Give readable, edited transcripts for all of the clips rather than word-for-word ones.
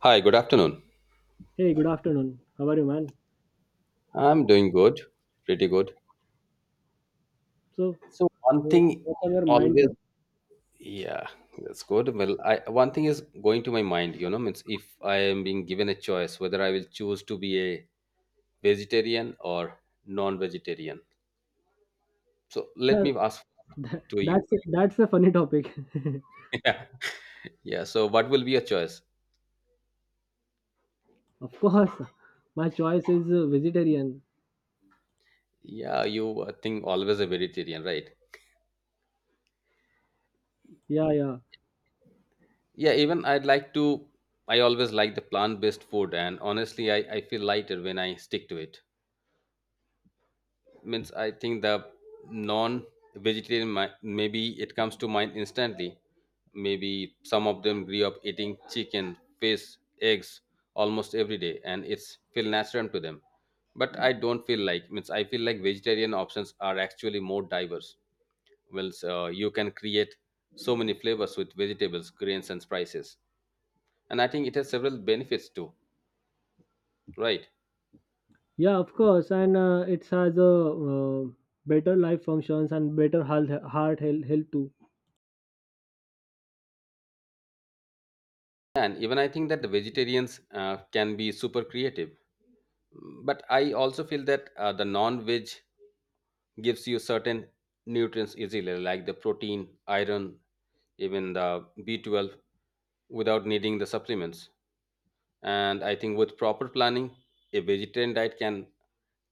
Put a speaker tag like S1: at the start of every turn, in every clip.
S1: Hi, good afternoon.
S2: Hey, good afternoon. How are you, man?
S1: I'm doing good, pretty good.
S2: So,
S1: So one
S2: uh,
S1: thing
S2: what's on your mind?
S1: always, yeah, that's good. Well, I one thing is going to my mind, you know, means if I am being given a choice whether I will choose to be a vegetarian or non-vegetarian. So let
S2: Yeah,
S1: me ask to you.
S2: that's a funny topic.
S1: Yeah. Yeah. So what will be your choice?
S2: Of course, my choice is vegetarian.
S1: Yeah, you I think always a vegetarian, right?
S2: Yeah, yeah,
S1: Yeah, even I'd like to I always like the plant-based food and honestly I feel lighter when I stick to it. Means I think the non vegetarian maybe it comes to mind instantly, maybe some of them grew up eating chicken fish eggs almost every day and it's feel natural to them, but I don't feel like, means I feel like vegetarian options are actually more diverse. Well, you can create so many flavors with vegetables grains and spices, and I think it has several benefits too, right?
S2: yeah. Of course, and it has a uh, better life functions and better health, health too.
S1: And even I think that the vegetarians can be super creative, but I also feel that the non-veg gives you certain nutrients easily, like the protein iron, even the b12, without needing the supplements. And I think with proper planning, a vegetarian diet can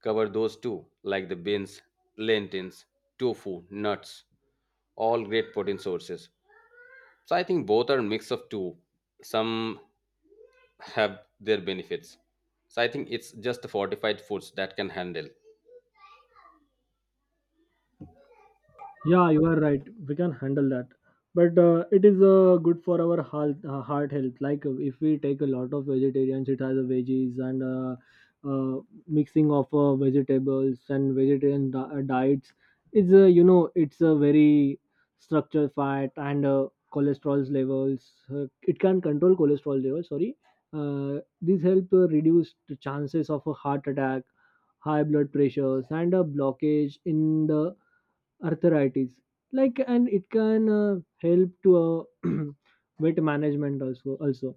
S1: cover those too, like the beans lentils tofu nuts, all great protein sources. So I think both are a mix of two, some have their benefits. So I think it's just the fortified foods that can handle.
S2: Yeah, you are right. We can handle that. But it is good for our heart, heart health. Like if we take a lot of vegetarians, it has a veggies and uh, mixing of vegetables and diets. It's you know it's a very structured fat and cholesterol levels. It can control cholesterol levels. Sorry, these help reduce the chances of a heart attack, high blood pressures, and a blockage in the arthritis, like, and it can help to weight management, also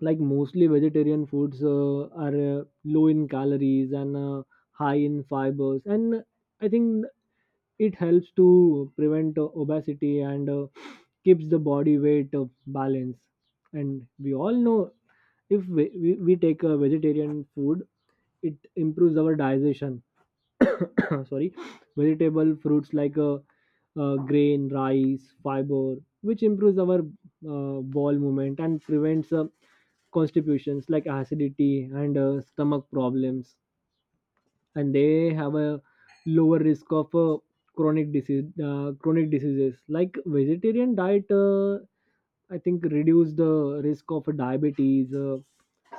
S2: like mostly vegetarian foods are low in calories and high in fibers, and I think it helps to prevent obesity and keeps the body weight balance. And we all know if we take a vegetarian food, it improves our digestion. Sorry. Vegetable fruits like grain, rice, fiber, which improves our bowel movement and prevents constipations like acidity and stomach problems. And they have a lower risk of chronic diseases. Like vegetarian diet, I think, reduce the risk of diabetes,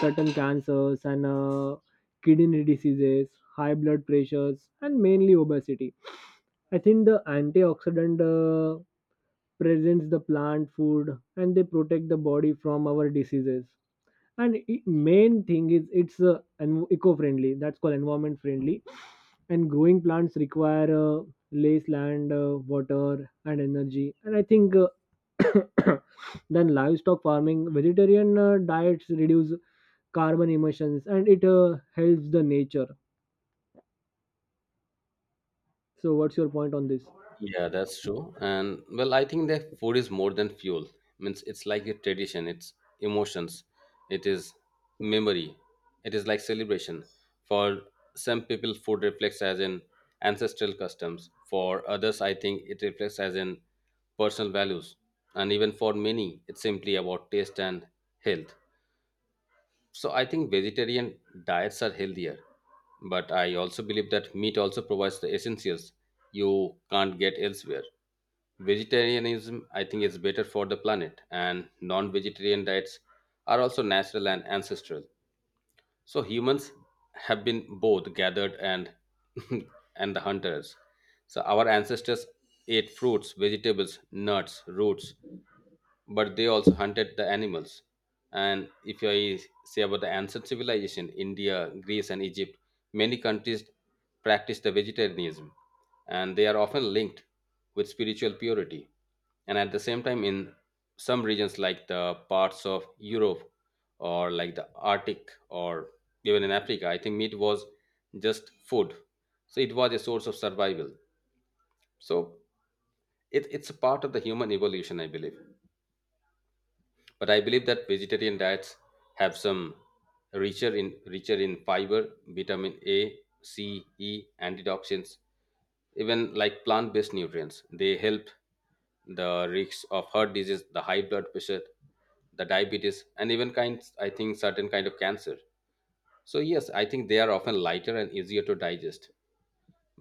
S2: certain cancers, and kidney diseases, high blood pressures, and mainly obesity. I think the antioxidant presents the plant food, and they protect the body from our diseases. and i- Main thing is it's eco-friendly, that's called environment friendly. And growing plants require less land, water and energy, and I think, uh, then livestock farming, vegetarian diets reduce carbon emissions and it helps the nature. So what's your point on this?
S1: Yeah, that's true. And well, I think that food is more than fuel. Means it's like a tradition, it's emotions, it is memory, it is like celebration. For some people, food reflects as in ancestral customs. For others, I think it reflects as in personal values. And even for many, it's simply about taste and health. So I think vegetarian diets are healthier. But I also believe that meat also provides the essentials you can't get elsewhere. Vegetarianism, I think, is better for the planet, and non vegetarian diets are also natural and ancestral. So humans have been both gathered and and the hunters. So our ancestors ate fruits, vegetables, nuts, roots, but they also hunted the animals. And if I say about the ancient civilization, India, Greece, and Egypt, many countries practice the vegetarianism, and they are often linked with spiritual purity. And at the same time, in some regions like the parts of Europe or like the Arctic or even in Africa, I think meat was just food. So it was a source of survival. So it's a part of the human evolution, I believe. But I believe that vegetarian diets have some richer in fiber, vitamin a, c, e, antioxidants, even like plant-based nutrients. They help the risks of heart disease, the high blood pressure, the diabetes, and even kinds, I think, certain kind of cancer. So yes, I think they are often lighter and easier to digest,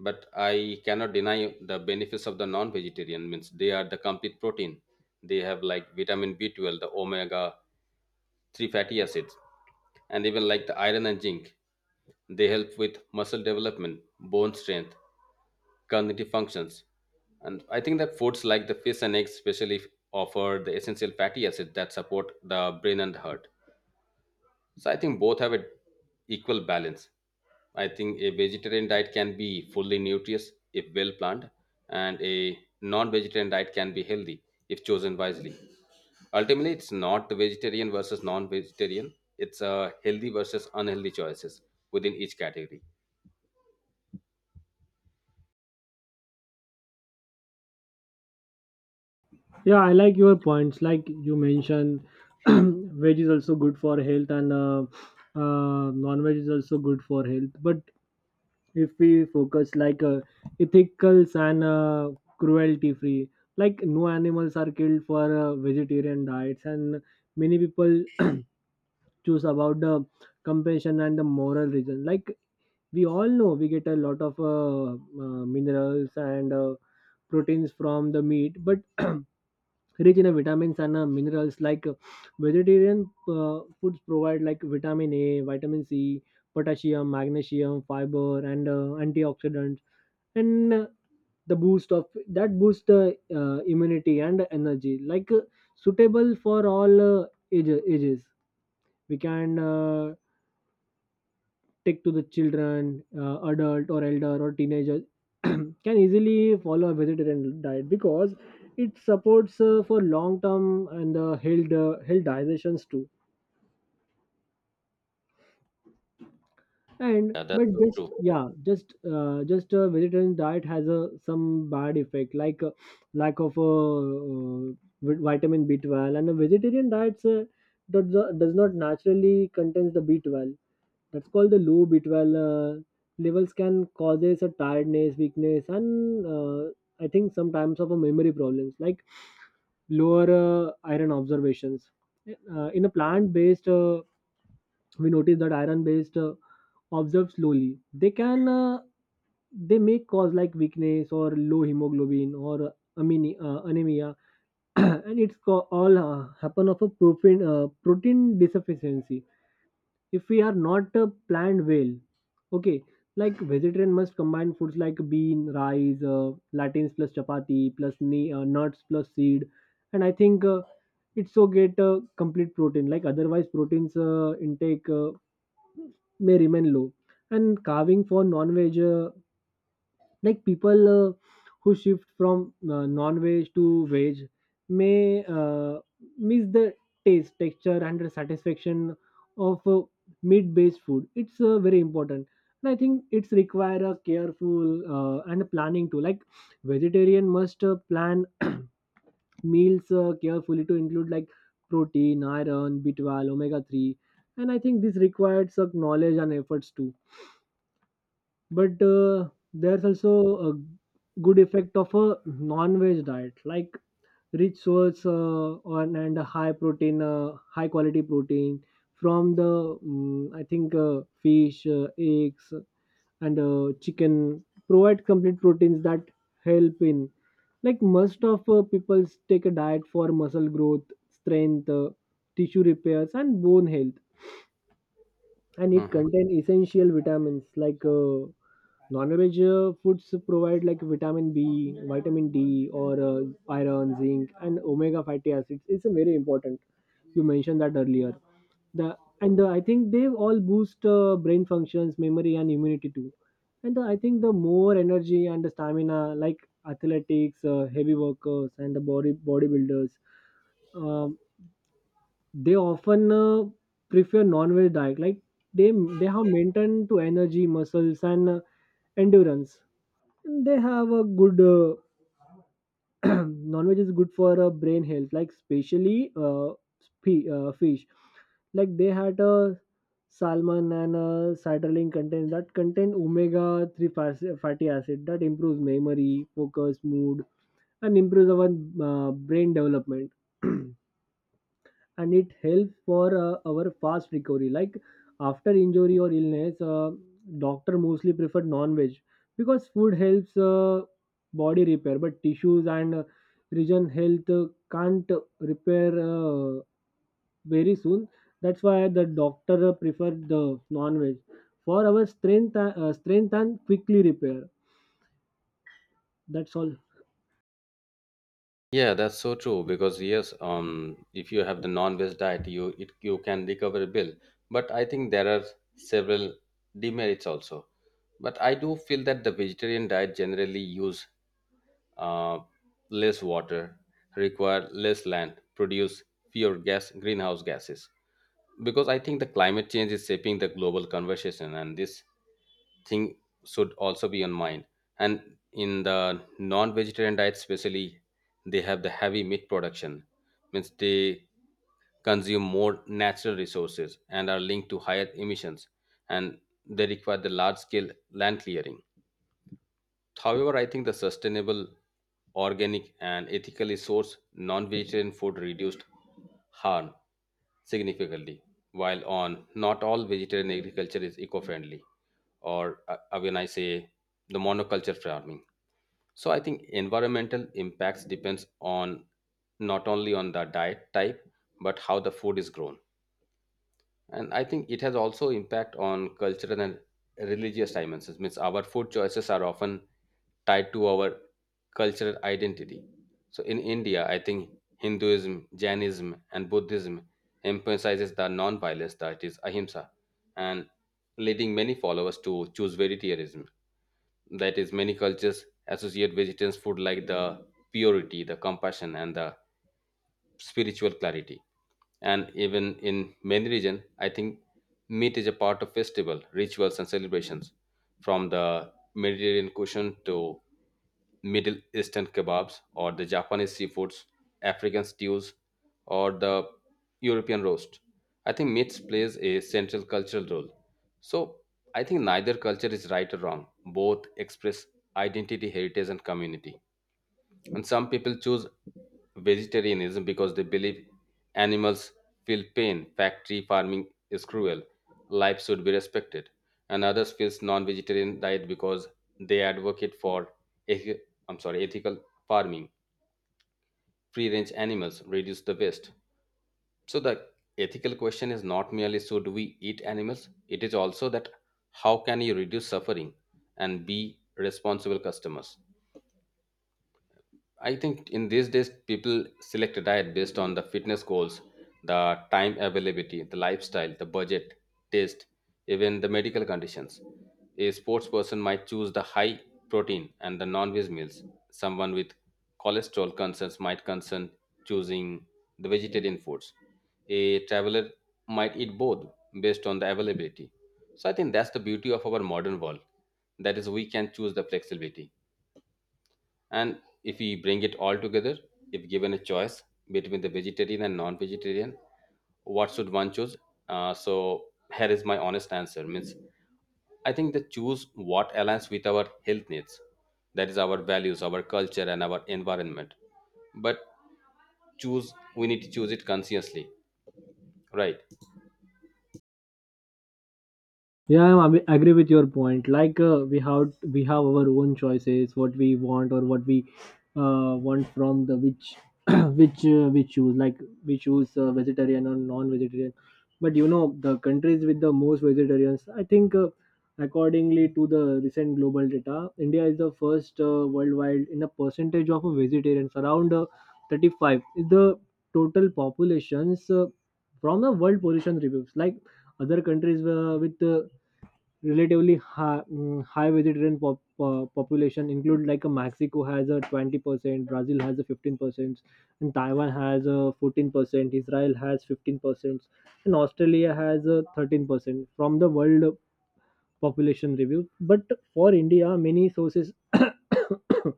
S1: but I cannot deny the benefits of the non-vegetarian. Means they are the complete protein. They have like vitamin b12, the omega-3 fatty acids, and even like the iron and zinc. They help with muscle development, bone strength, cognitive functions. And I think that foods like the fish and eggs, especially, offer the essential fatty acids that support the brain and heart. So I think both have an equal balance. I think a vegetarian diet can be fully nutritious if well planned, and a non-vegetarian diet can be healthy if chosen wisely. Ultimately, it's not the vegetarian versus non-vegetarian. It's a healthy versus unhealthy choices within each category.
S2: Yeah, I like your points. Like you mentioned veg is also good for health and non-veg is also good for health. But if we focus, like, ethical and cruelty free, like no animals are killed for vegetarian diets, and many people choose about the compassion and the moral reason. Like we all know we get a lot of minerals and proteins from the meat, but rich in vitamins and minerals. Like vegetarian foods provide like vitamin a, vitamin c, potassium, magnesium, fiber, and antioxidants, and the boost of that boost the immunity and energy. Like suitable for all ages, we can take to the children, adult or elder or teenager, can easily follow a vegetarian diet because it supports for long term and health digestions too. And
S1: Yeah, that's
S2: but
S1: so
S2: just
S1: true.
S2: yeah, just a vegetarian diet has a some bad effect like lack of a vitamin b12, and a vegetarian diet does, does not naturally contains the b12. That's called the low b12 levels can causes a tiredness, weakness, and I think sometimes of a memory problems. Like lower iron observations, in a plant based, we notice that iron based observed slowly, they may cause like weakness or low hemoglobin or anemia, and all happen of a protein deficiency if we are not planned well. Okay, like vegetarian must combine foods like bean, rice, latins plus chapati plus nuts plus seed, and I think. It's so get complete protein, like otherwise proteins intake may remain low. And carving for non-veg, like people who shift from non-veg to veg may miss the taste, texture, and the satisfaction of meat-based food. It's very important. And I think it's require a careful and a planning too. Like vegetarian must plan meals carefully to include like protein, iron, b12, omega 3. And I think this requires some knowledge and efforts too. But there's also a good effect of a non-veg diet, like rich source on and a high protein, high quality protein from the I think fish, eggs, and chicken provide complete proteins that help in, like, most of people take a diet for muscle growth, strength, tissue repairs, and bone health. And it
S1: Mhm.
S2: contain essential vitamins like non-veg foods provide like vitamin b, vitamin d, or iron, zinc, and omega fatty acids. It's a very important, you mentioned that earlier. the I think they all boost brain functions, memory, and immunity too. I think the more energy and the stamina, like athletics, heavy workers, and the bodybuilders, um, they often prefer non-veg diet. Like they they have maintained to energy, muscles, and endurance. They have a good non-veg is good for brain health, like especially fish, like they had a salmon and a citrulline contains that contain omega 3 fatty acid that improves memory, focus, mood, and improves our brain development. And it helps for our fast recovery, like after injury or illness. Doctor mostly prefer non-veg because food helps body repair but tissues and region health can't repair very soon. That's why the doctor prefer the non-veg for our strength and quickly repair. That's all.
S1: Yeah, that's so true because yes, if you have the non-veg diet, you can recover a bill. But I think there are several demerits also. But I do feel that the vegetarian diet generally use uh, less water, require less land, produce fewer gas greenhouse gases, because I think the climate change is shaping the global conversation, and this thing should also be on mind. And in the non-vegetarian diet, especially, they have the heavy meat production, means they consume more natural resources and are linked to higher emissions, and they require the large-scale land clearing. However, I think the sustainable, organic, and ethically sourced non vegetarian food reduced harm significantly, while on not all vegetarian agriculture is eco friendly, or when I say the monoculture farming. So I think environmental impacts depends on not only on the diet type but how the food is grown. And I think it has also impact on cultural and religious dimensions. Means our food choices are often tied to our cultural identity. So in india, I think hinduism, jainism and buddhism emphasizes the non-violence, that is ahimsa, and leading many followers to choose vegetarianism. That is, many cultures associate vegetarian food like the purity, the compassion, and the spiritual clarity. And even in many regions, I think meat is a part of festival rituals and celebrations, from the mediterranean cuisine to middle eastern kebabs, or the japanese seafoods, african stews, or the european roast. I think meat plays a central cultural role. So I think neither culture is right or wrong. Both express identity, heritage, and community. And some people choose vegetarianism because they believe animals feel pain, factory farming is cruel, life should be respected. And others feels non-vegetarian diet because they advocate for ethi- I'm sorry, ethical farming, free-range animals, reduce the waste. So the ethical question is not merely should we eat animals, it is also that how can you reduce suffering and be responsible customers. I think in these days, people select a diet based on the fitness goals, the time availability, the lifestyle, the budget, taste, even the medical conditions. A sports person might choose the high protein and the non-veg meals. Someone with cholesterol concerns might concern choosing the vegetarian foods. A traveler might eat both based on the availability. So I think that's the beauty of our modern world. That is, we can choose the flexibility. And if we bring it all together, if given a choice between the vegetarian and non-vegetarian, what should one choose? So here is my honest answer. Means I think that choose what aligns with our health needs. That is our values, our culture, and our environment. But choose we need to choose it consciously, right?
S2: Yeah, I mean, agree with your point. Like we have our own choices, what we want or what we want from the which which we choose. Like we choose vegetarian or non-vegetarian. But you know the countries with the most vegetarians, I think, accordingly to the recent global data, India is the first worldwide in a percentage of vegetarians. Around 35 is the total populations from the World Pollution Reviews. Like other countries with relatively high vegetarian population include like Mexico has a 20%, Brazil has a 15%, and Taiwan has a 14%, Israel has 15%, and Australia has a 13%, from the World Population Review. But for India, many sources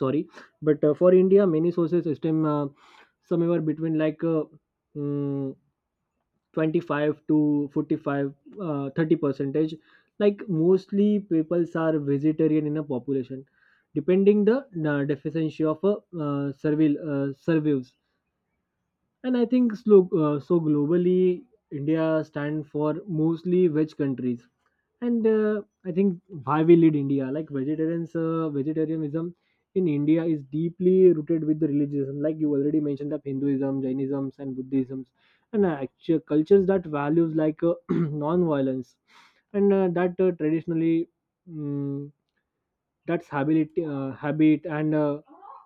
S2: sorry, but for India, many sources estimate somewhere between like mm, 25 to 45, 30 percentage, like mostly peoples are vegetarian in a population, depending the deficiency of a servil surveys. And I think so, so globally, India stand for mostly veg countries. And I think why we lead India, like vegetarians, vegetarianism in India is deeply rooted with the religion. Like you already mentioned, of Hinduism, Jainism, and Buddhism, and cultures that values like non-violence, and that traditionally. mm that's habit and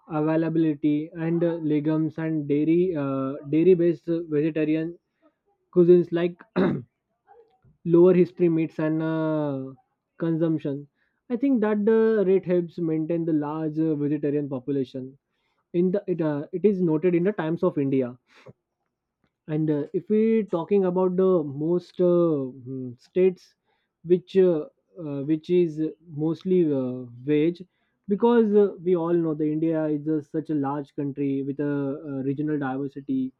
S2: availability and legumes and dairy based vegetarian cuisines like lower history meats and consumption. I think that the rate helps maintain the large vegetarian population in it is noted in the Times of India. And if we talking about the most states which uh, which is mostly wage, because we all know the India is a, such a large country with a, uh, regional diversity,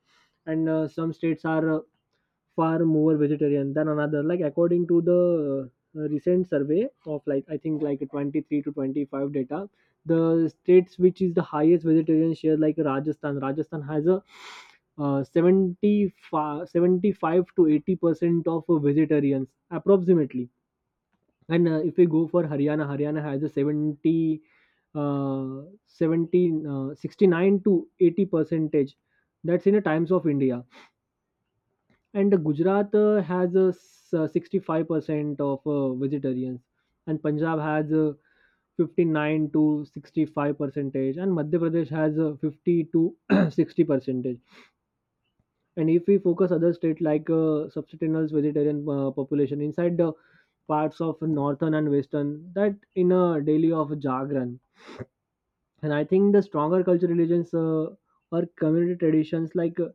S2: and some states are far more vegetarian than another. Like according to the recent survey of, like, I think like 23 to 25 data, the states which is the highest vegetarian share, like Rajasthan. Rajasthan has a 75, 75 to 80% of vegetarians approximately. And if we go for Haryana, Haryana has a 70, 70, 69 to 80 percentage. That's in the Times of India. And Gujarat has a 65% of vegetarians, and Punjab has 59 to 65 percentage, and Madhya Pradesh has 50 to 60 percentage. And if we focus other state like subsistence vegetarian population inside the parts of northern and western, that in a daily of Jagran. And I think the stronger cultural religions or community traditions like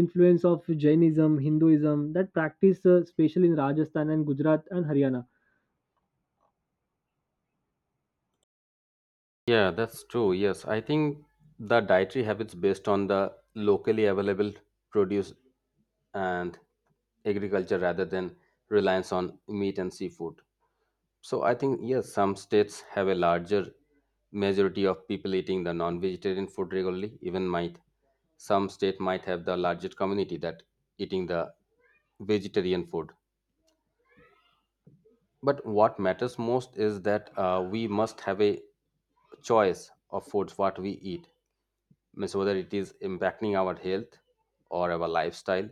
S2: influence of jainism hinduism that practice especially in rajasthan and gujarat and haryana.
S1: Yeah, that's true. Yes, I think the dietary habits based on the locally available produce and agriculture rather than reliance on meat and seafood. So I think yes, some states have a larger majority of people eating the non-vegetarian food regularly. Even might some state might have the largest community that eating the vegetarian food. But what matters most is that we must have a choice of foods what we eat. Means whether it is impacting our health or our lifestyle,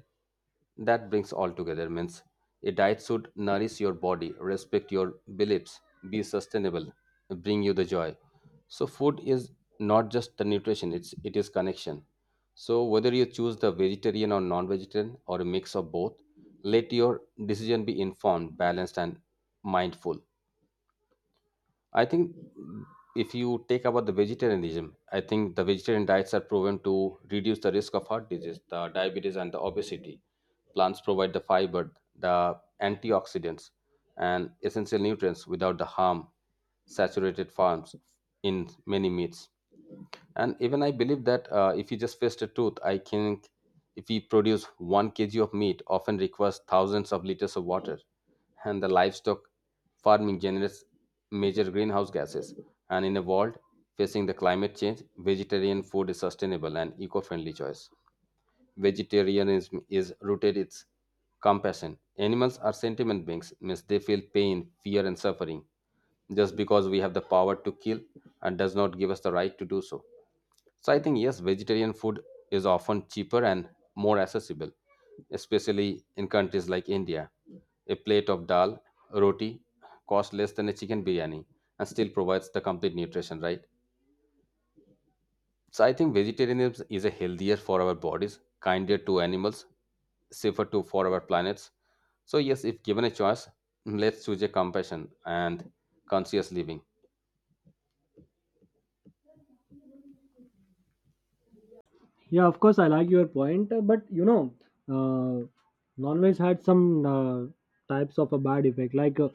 S1: that brings all together. Means a diet should nourish your body, respect your beliefs, be sustainable, bring you the joy. So food is not just the nutrition, it is connection. So whether you choose the vegetarian or non-vegetarian or a mix of both, let your decision be informed, balanced, and mindful. I think if you take about the vegetarianism, I think the vegetarian diets are proven to reduce the risk of heart disease, the diabetes, and the obesity. Plants provide the fiber, the antioxidants, and essential nutrients without the harm saturated farms in many meats. And even I believe that if you just face the truth, I think if we produce 1 kg of meat often requires thousands of liters of water, and the livestock farming generates major greenhouse gases. And in a world facing the climate change, vegetarian food is sustainable and eco-friendly choice. Vegetarianism is rooted its compassion. Animals are sentiment beings. Means they feel pain, fear, and suffering. Just because we have the power to kill and does not give us the right to do so. So I think yes, vegetarian food is often cheaper and more accessible, especially in countries like India. A plate of dal, roti costs less than a chicken biryani and still provides the complete nutrition, right? So I think vegetarianism is a healthier for our bodies, kinder to animals, safer to for our planets. So yes, if given a choice, let's choose a compassion and conscious living.
S2: Yeah, of course, I like your point, but you know uh, non-veg had some uh, types of a bad effect like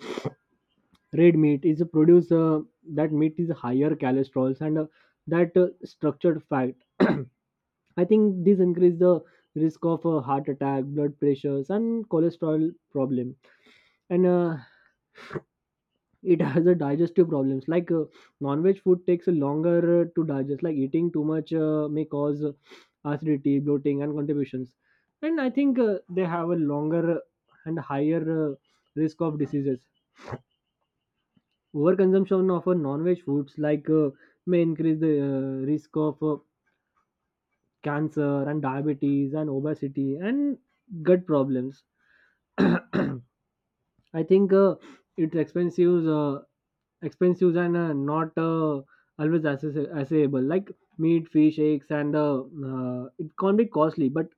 S2: red meat is a produce, that meat is higher cholesterol and that structured fat. I think this increase the risk of heart attack, blood pressures and cholesterol problem. And it has a digestive problems like non-veg food takes a longer to digest, like eating too much may cause acidity, bloating and contributions. And I think they have a longer and higher uh, risk of diseases. Overconsumption of non-veg foods like may increase the risk of cancer and diabetes and obesity and gut problems. I think it's expensive, expensive and not always access- accessible. Like meat, fish, eggs, and it can be costly, but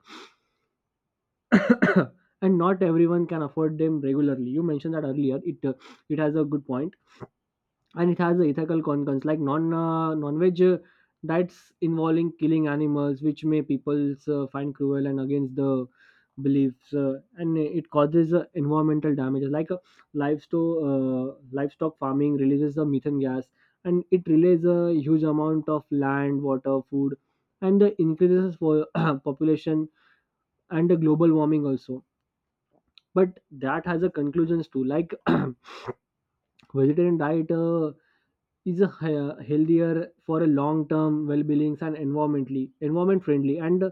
S2: and not everyone can afford them regularly. You mentioned that earlier. It it has a good point. And it has the ethical concerns like non-veg diets involving killing animals, which may people find cruel and against the beliefs, and it causes environmental damages like livestock farming releases the methane gas. And it relays a huge amount of land, water, food and the increases for population and the global warming also. But that has a conclusions too, like vegetarian diet is a hea- healthier for a long-term well-being and environmentally environment friendly, and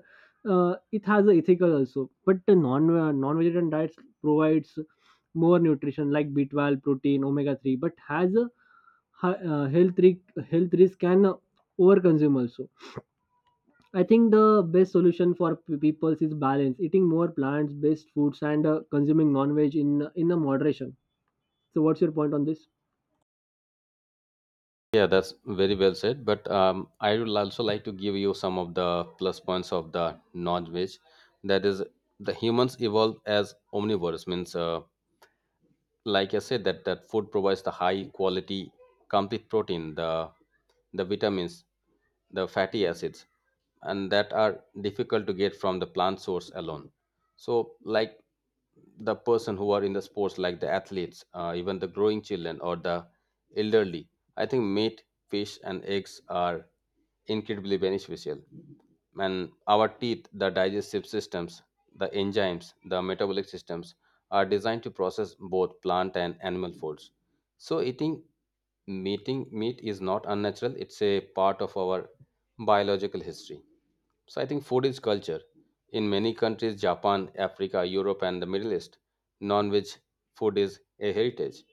S2: it has a ethical also. But the non-vegetarian diets provides more nutrition like B12, protein, omega three, but has a hi- uh, health risk health risk and over consume also. I think the best solution for p- people is balance, eating more plants-based foods and consuming non-veg in a moderation. So, what's your point on this?
S1: Yeah, that's very well said. But I would also like to give you some of the plus points of the non-veg. That is, the humans evolved as omnivores. Means like I said that that food provides the high quality complete protein, the vitamins, the fatty acids, and that are difficult to get from the plant source alone. So like the person who are in the sports like the athletes, even the growing children or the elderly, I think meat, fish and eggs are incredibly beneficial. And our teeth, the digestive systems, the enzymes, the metabolic systems are designed to process both plant and animal foods. So eating meat is not unnatural, it's a part of our biological history. So I think food is culture. In many countries, Japan, Africa, Europe, and the Middle East, non-veg food is a heritage.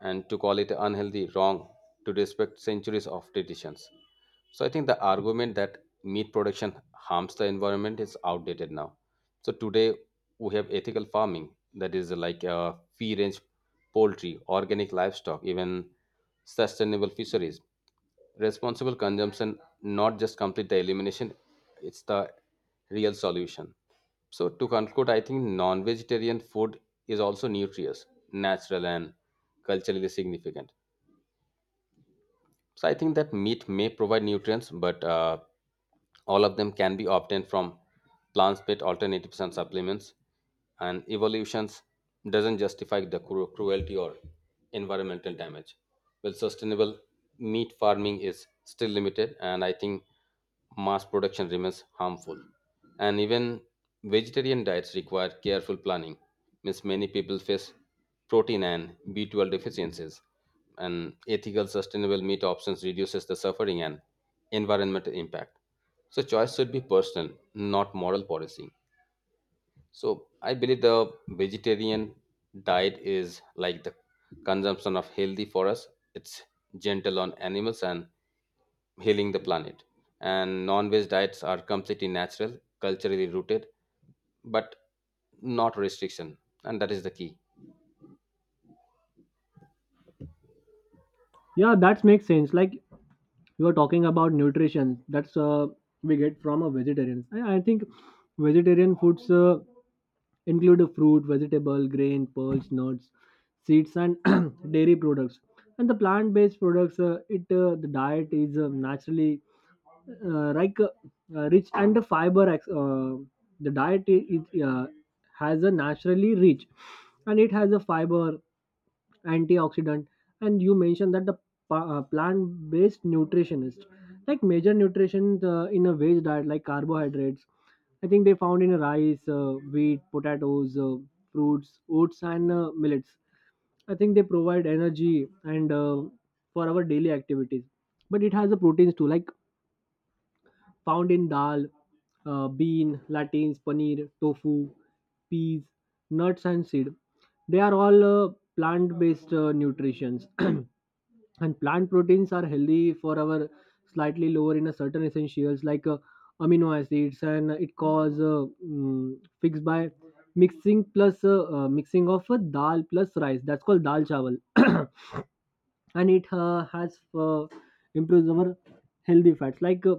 S1: And to call it unhealthy, wrong, to respect centuries of traditions. So I think the argument that meat production harms the environment is outdated now. So today we have ethical farming, that is like free range poultry, organic livestock, even sustainable fisheries. Responsible consumption, not just complete the elimination, it's the real solution. So to conclude, I think non-vegetarian food is also nutritious, natural, and culturally significant. So I think that meat may provide nutrients, but all of them can be obtained from plant-based alternatives and supplements. And evolutions doesn't justify the cruelty or environmental damage. Well, sustainable meat farming is still limited, and I think mass production remains harmful. And even vegetarian diets require careful planning. Means many people face protein and B12 deficiencies, and ethical sustainable meat options reduces the suffering and environmental impact. So choice should be personal, not moral policy. So I believe the vegetarian diet is like the consumption of healthy for us. It's gentle on animals and healing the planet. And non-veg diets are completely natural, culturally rooted, but not restriction, and that is the key.
S2: Yeah, that makes sense. Like we were talking about nutrition, that's we get from a vegetarian. I think vegetarian foods include a fruit, vegetable, grain, pearls, nuts, seeds and dairy products and the plant-based products. It the diet is naturally uh, like uh, rich and the fiber. The diet it has a naturally rich and it has a fiber, antioxidant. And you mentioned that the plant-based nutritionist, like major nutrition in a veg diet like carbohydrates, I think they found in rice, wheat, potatoes, fruits, oats and millets. I think they provide energy and for our daily activities. But it has a proteins too, like found in dal, bean, lentils, paneer, tofu, peas, nuts and seed. They are all plant-based nutritions. And plant proteins are healthy for our slightly lower in a certain essentials like amino acids, and it cause fixed by mixing plus mixing of dal plus rice, that's called dal chawal. And it has improves our healthy fats, like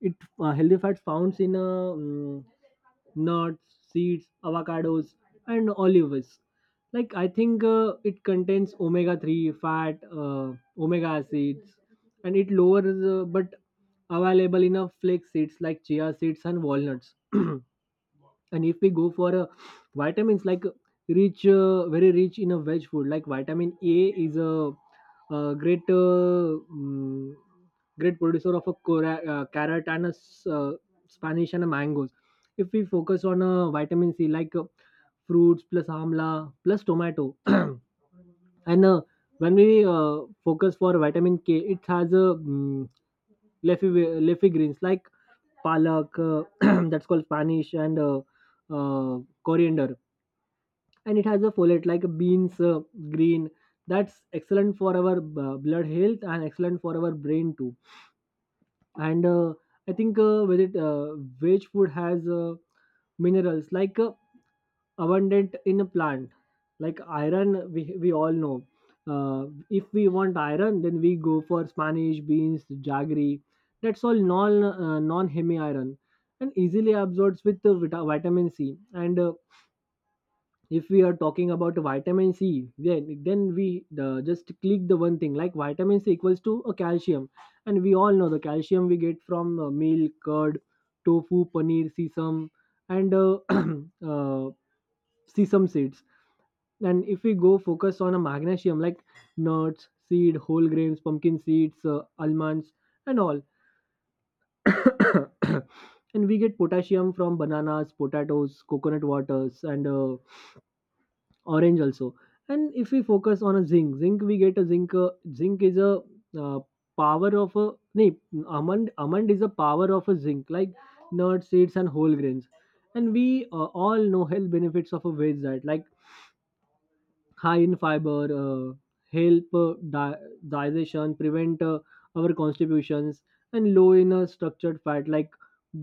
S2: it healthy fats found in nuts, seeds, avocados, and olives. Like I think it contains omega-3 fat, omega acids, and it lowers but available in a flax seeds like chia seeds and walnuts. And if we go for vitamins like rich very rich in a veg food like vitamin a is a, great mm, great producer of a carrot and a spanish and a mangoes. If we focus on vitamin c, like fruits plus amla plus tomato. And uh, when we focus for vitamin k, it has a leafy leafy greens like palak, that's called Spanish, and uh, coriander. And it has a folate like beans, green. That's excellent for our blood health and excellent for our brain too. And I think with it, veg food has minerals like abundant in a plant like iron. We all know, if we want iron, then we go for spanish, beans, jaggery, that's all non hemi iron and easily absorbs with the vitamin c. And if we are talking about vitamin c, then we just click the one thing, like vitamin c equals to a calcium. And we all know the calcium we get from milk, curd, tofu, paneer, sesame and uh, sesame seeds. And if we go focus on a magnesium, like nuts, seed, whole grains, pumpkin seeds, almonds, and all. And we get potassium from bananas, potatoes, coconut waters, and orange also. And if we focus on a zinc, zinc is a uh, power of a no, almond. Almond is a power of a zinc, like nuts, seeds, and whole grains. And we all know health benefits of a veg diet, like high in fiber, help digestion, prevent our constipations and low in structured fat, like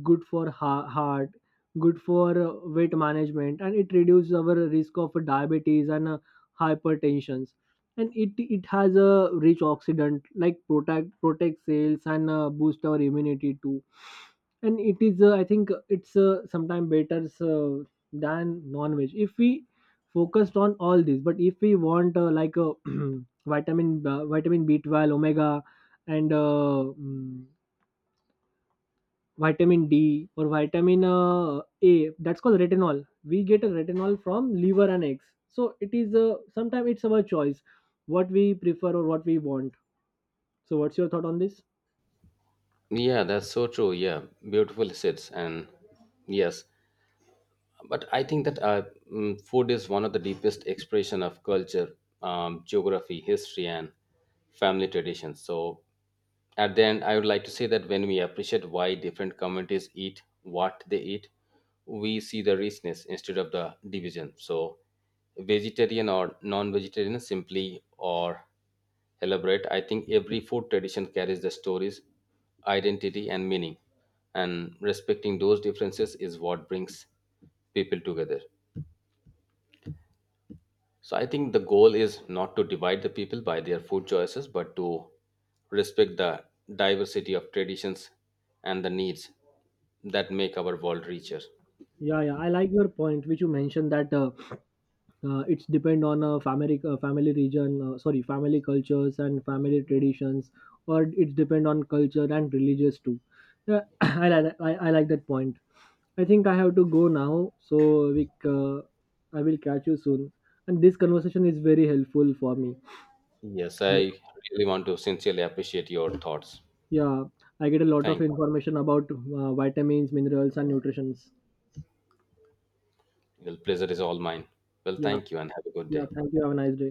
S2: good for heart, good for weight management, and it reduces our risk of diabetes and hypertension. And it has a rich oxidant like protect cells and boost our immunity too. And it is I think it's sometimes better than non-veg, if we focused on all these. But if we want like a vitamin B12, omega and vitamin d or vitamin a, that's called retinol. We get a retinol from liver and eggs. So it is, sometimes it's our choice what we prefer or what we want. So what's your thought on this?
S1: Yeah, that's so true. Yeah, beautiful sits and yes, but I think that food is one of the deepest expression of culture, geography, history, and family traditions. So, at the end, I would like to say that when we appreciate why different communities eat what they eat, we see the richness instead of the division. So, vegetarian or non-vegetarian, simply or elaborate, I think every food tradition carries the stories, identity, and meaning. And respecting those differences is what brings people together. So I think the goal is not to divide the people by their food choices, but to respect the diversity of traditions and the needs that make our world richer.
S2: Yeah, yeah, I like your point which you mentioned that it's depend on a family, family region, sorry, family cultures and family traditions, or it's depend on culture and religious too. Yeah. I like that point. I think I have to go now, so I will catch you soon. And this conversation is very helpful for me.
S1: Yes, I really want to sincerely appreciate your thoughts.
S2: Yeah, I get a lot of
S1: Thank you.
S2: information about vitamins, minerals and nutritions.
S1: The pleasure is all mine. Well,
S2: Yeah.
S1: thank you and have a good
S2: Yeah,
S1: day.
S2: thank you, have a nice day.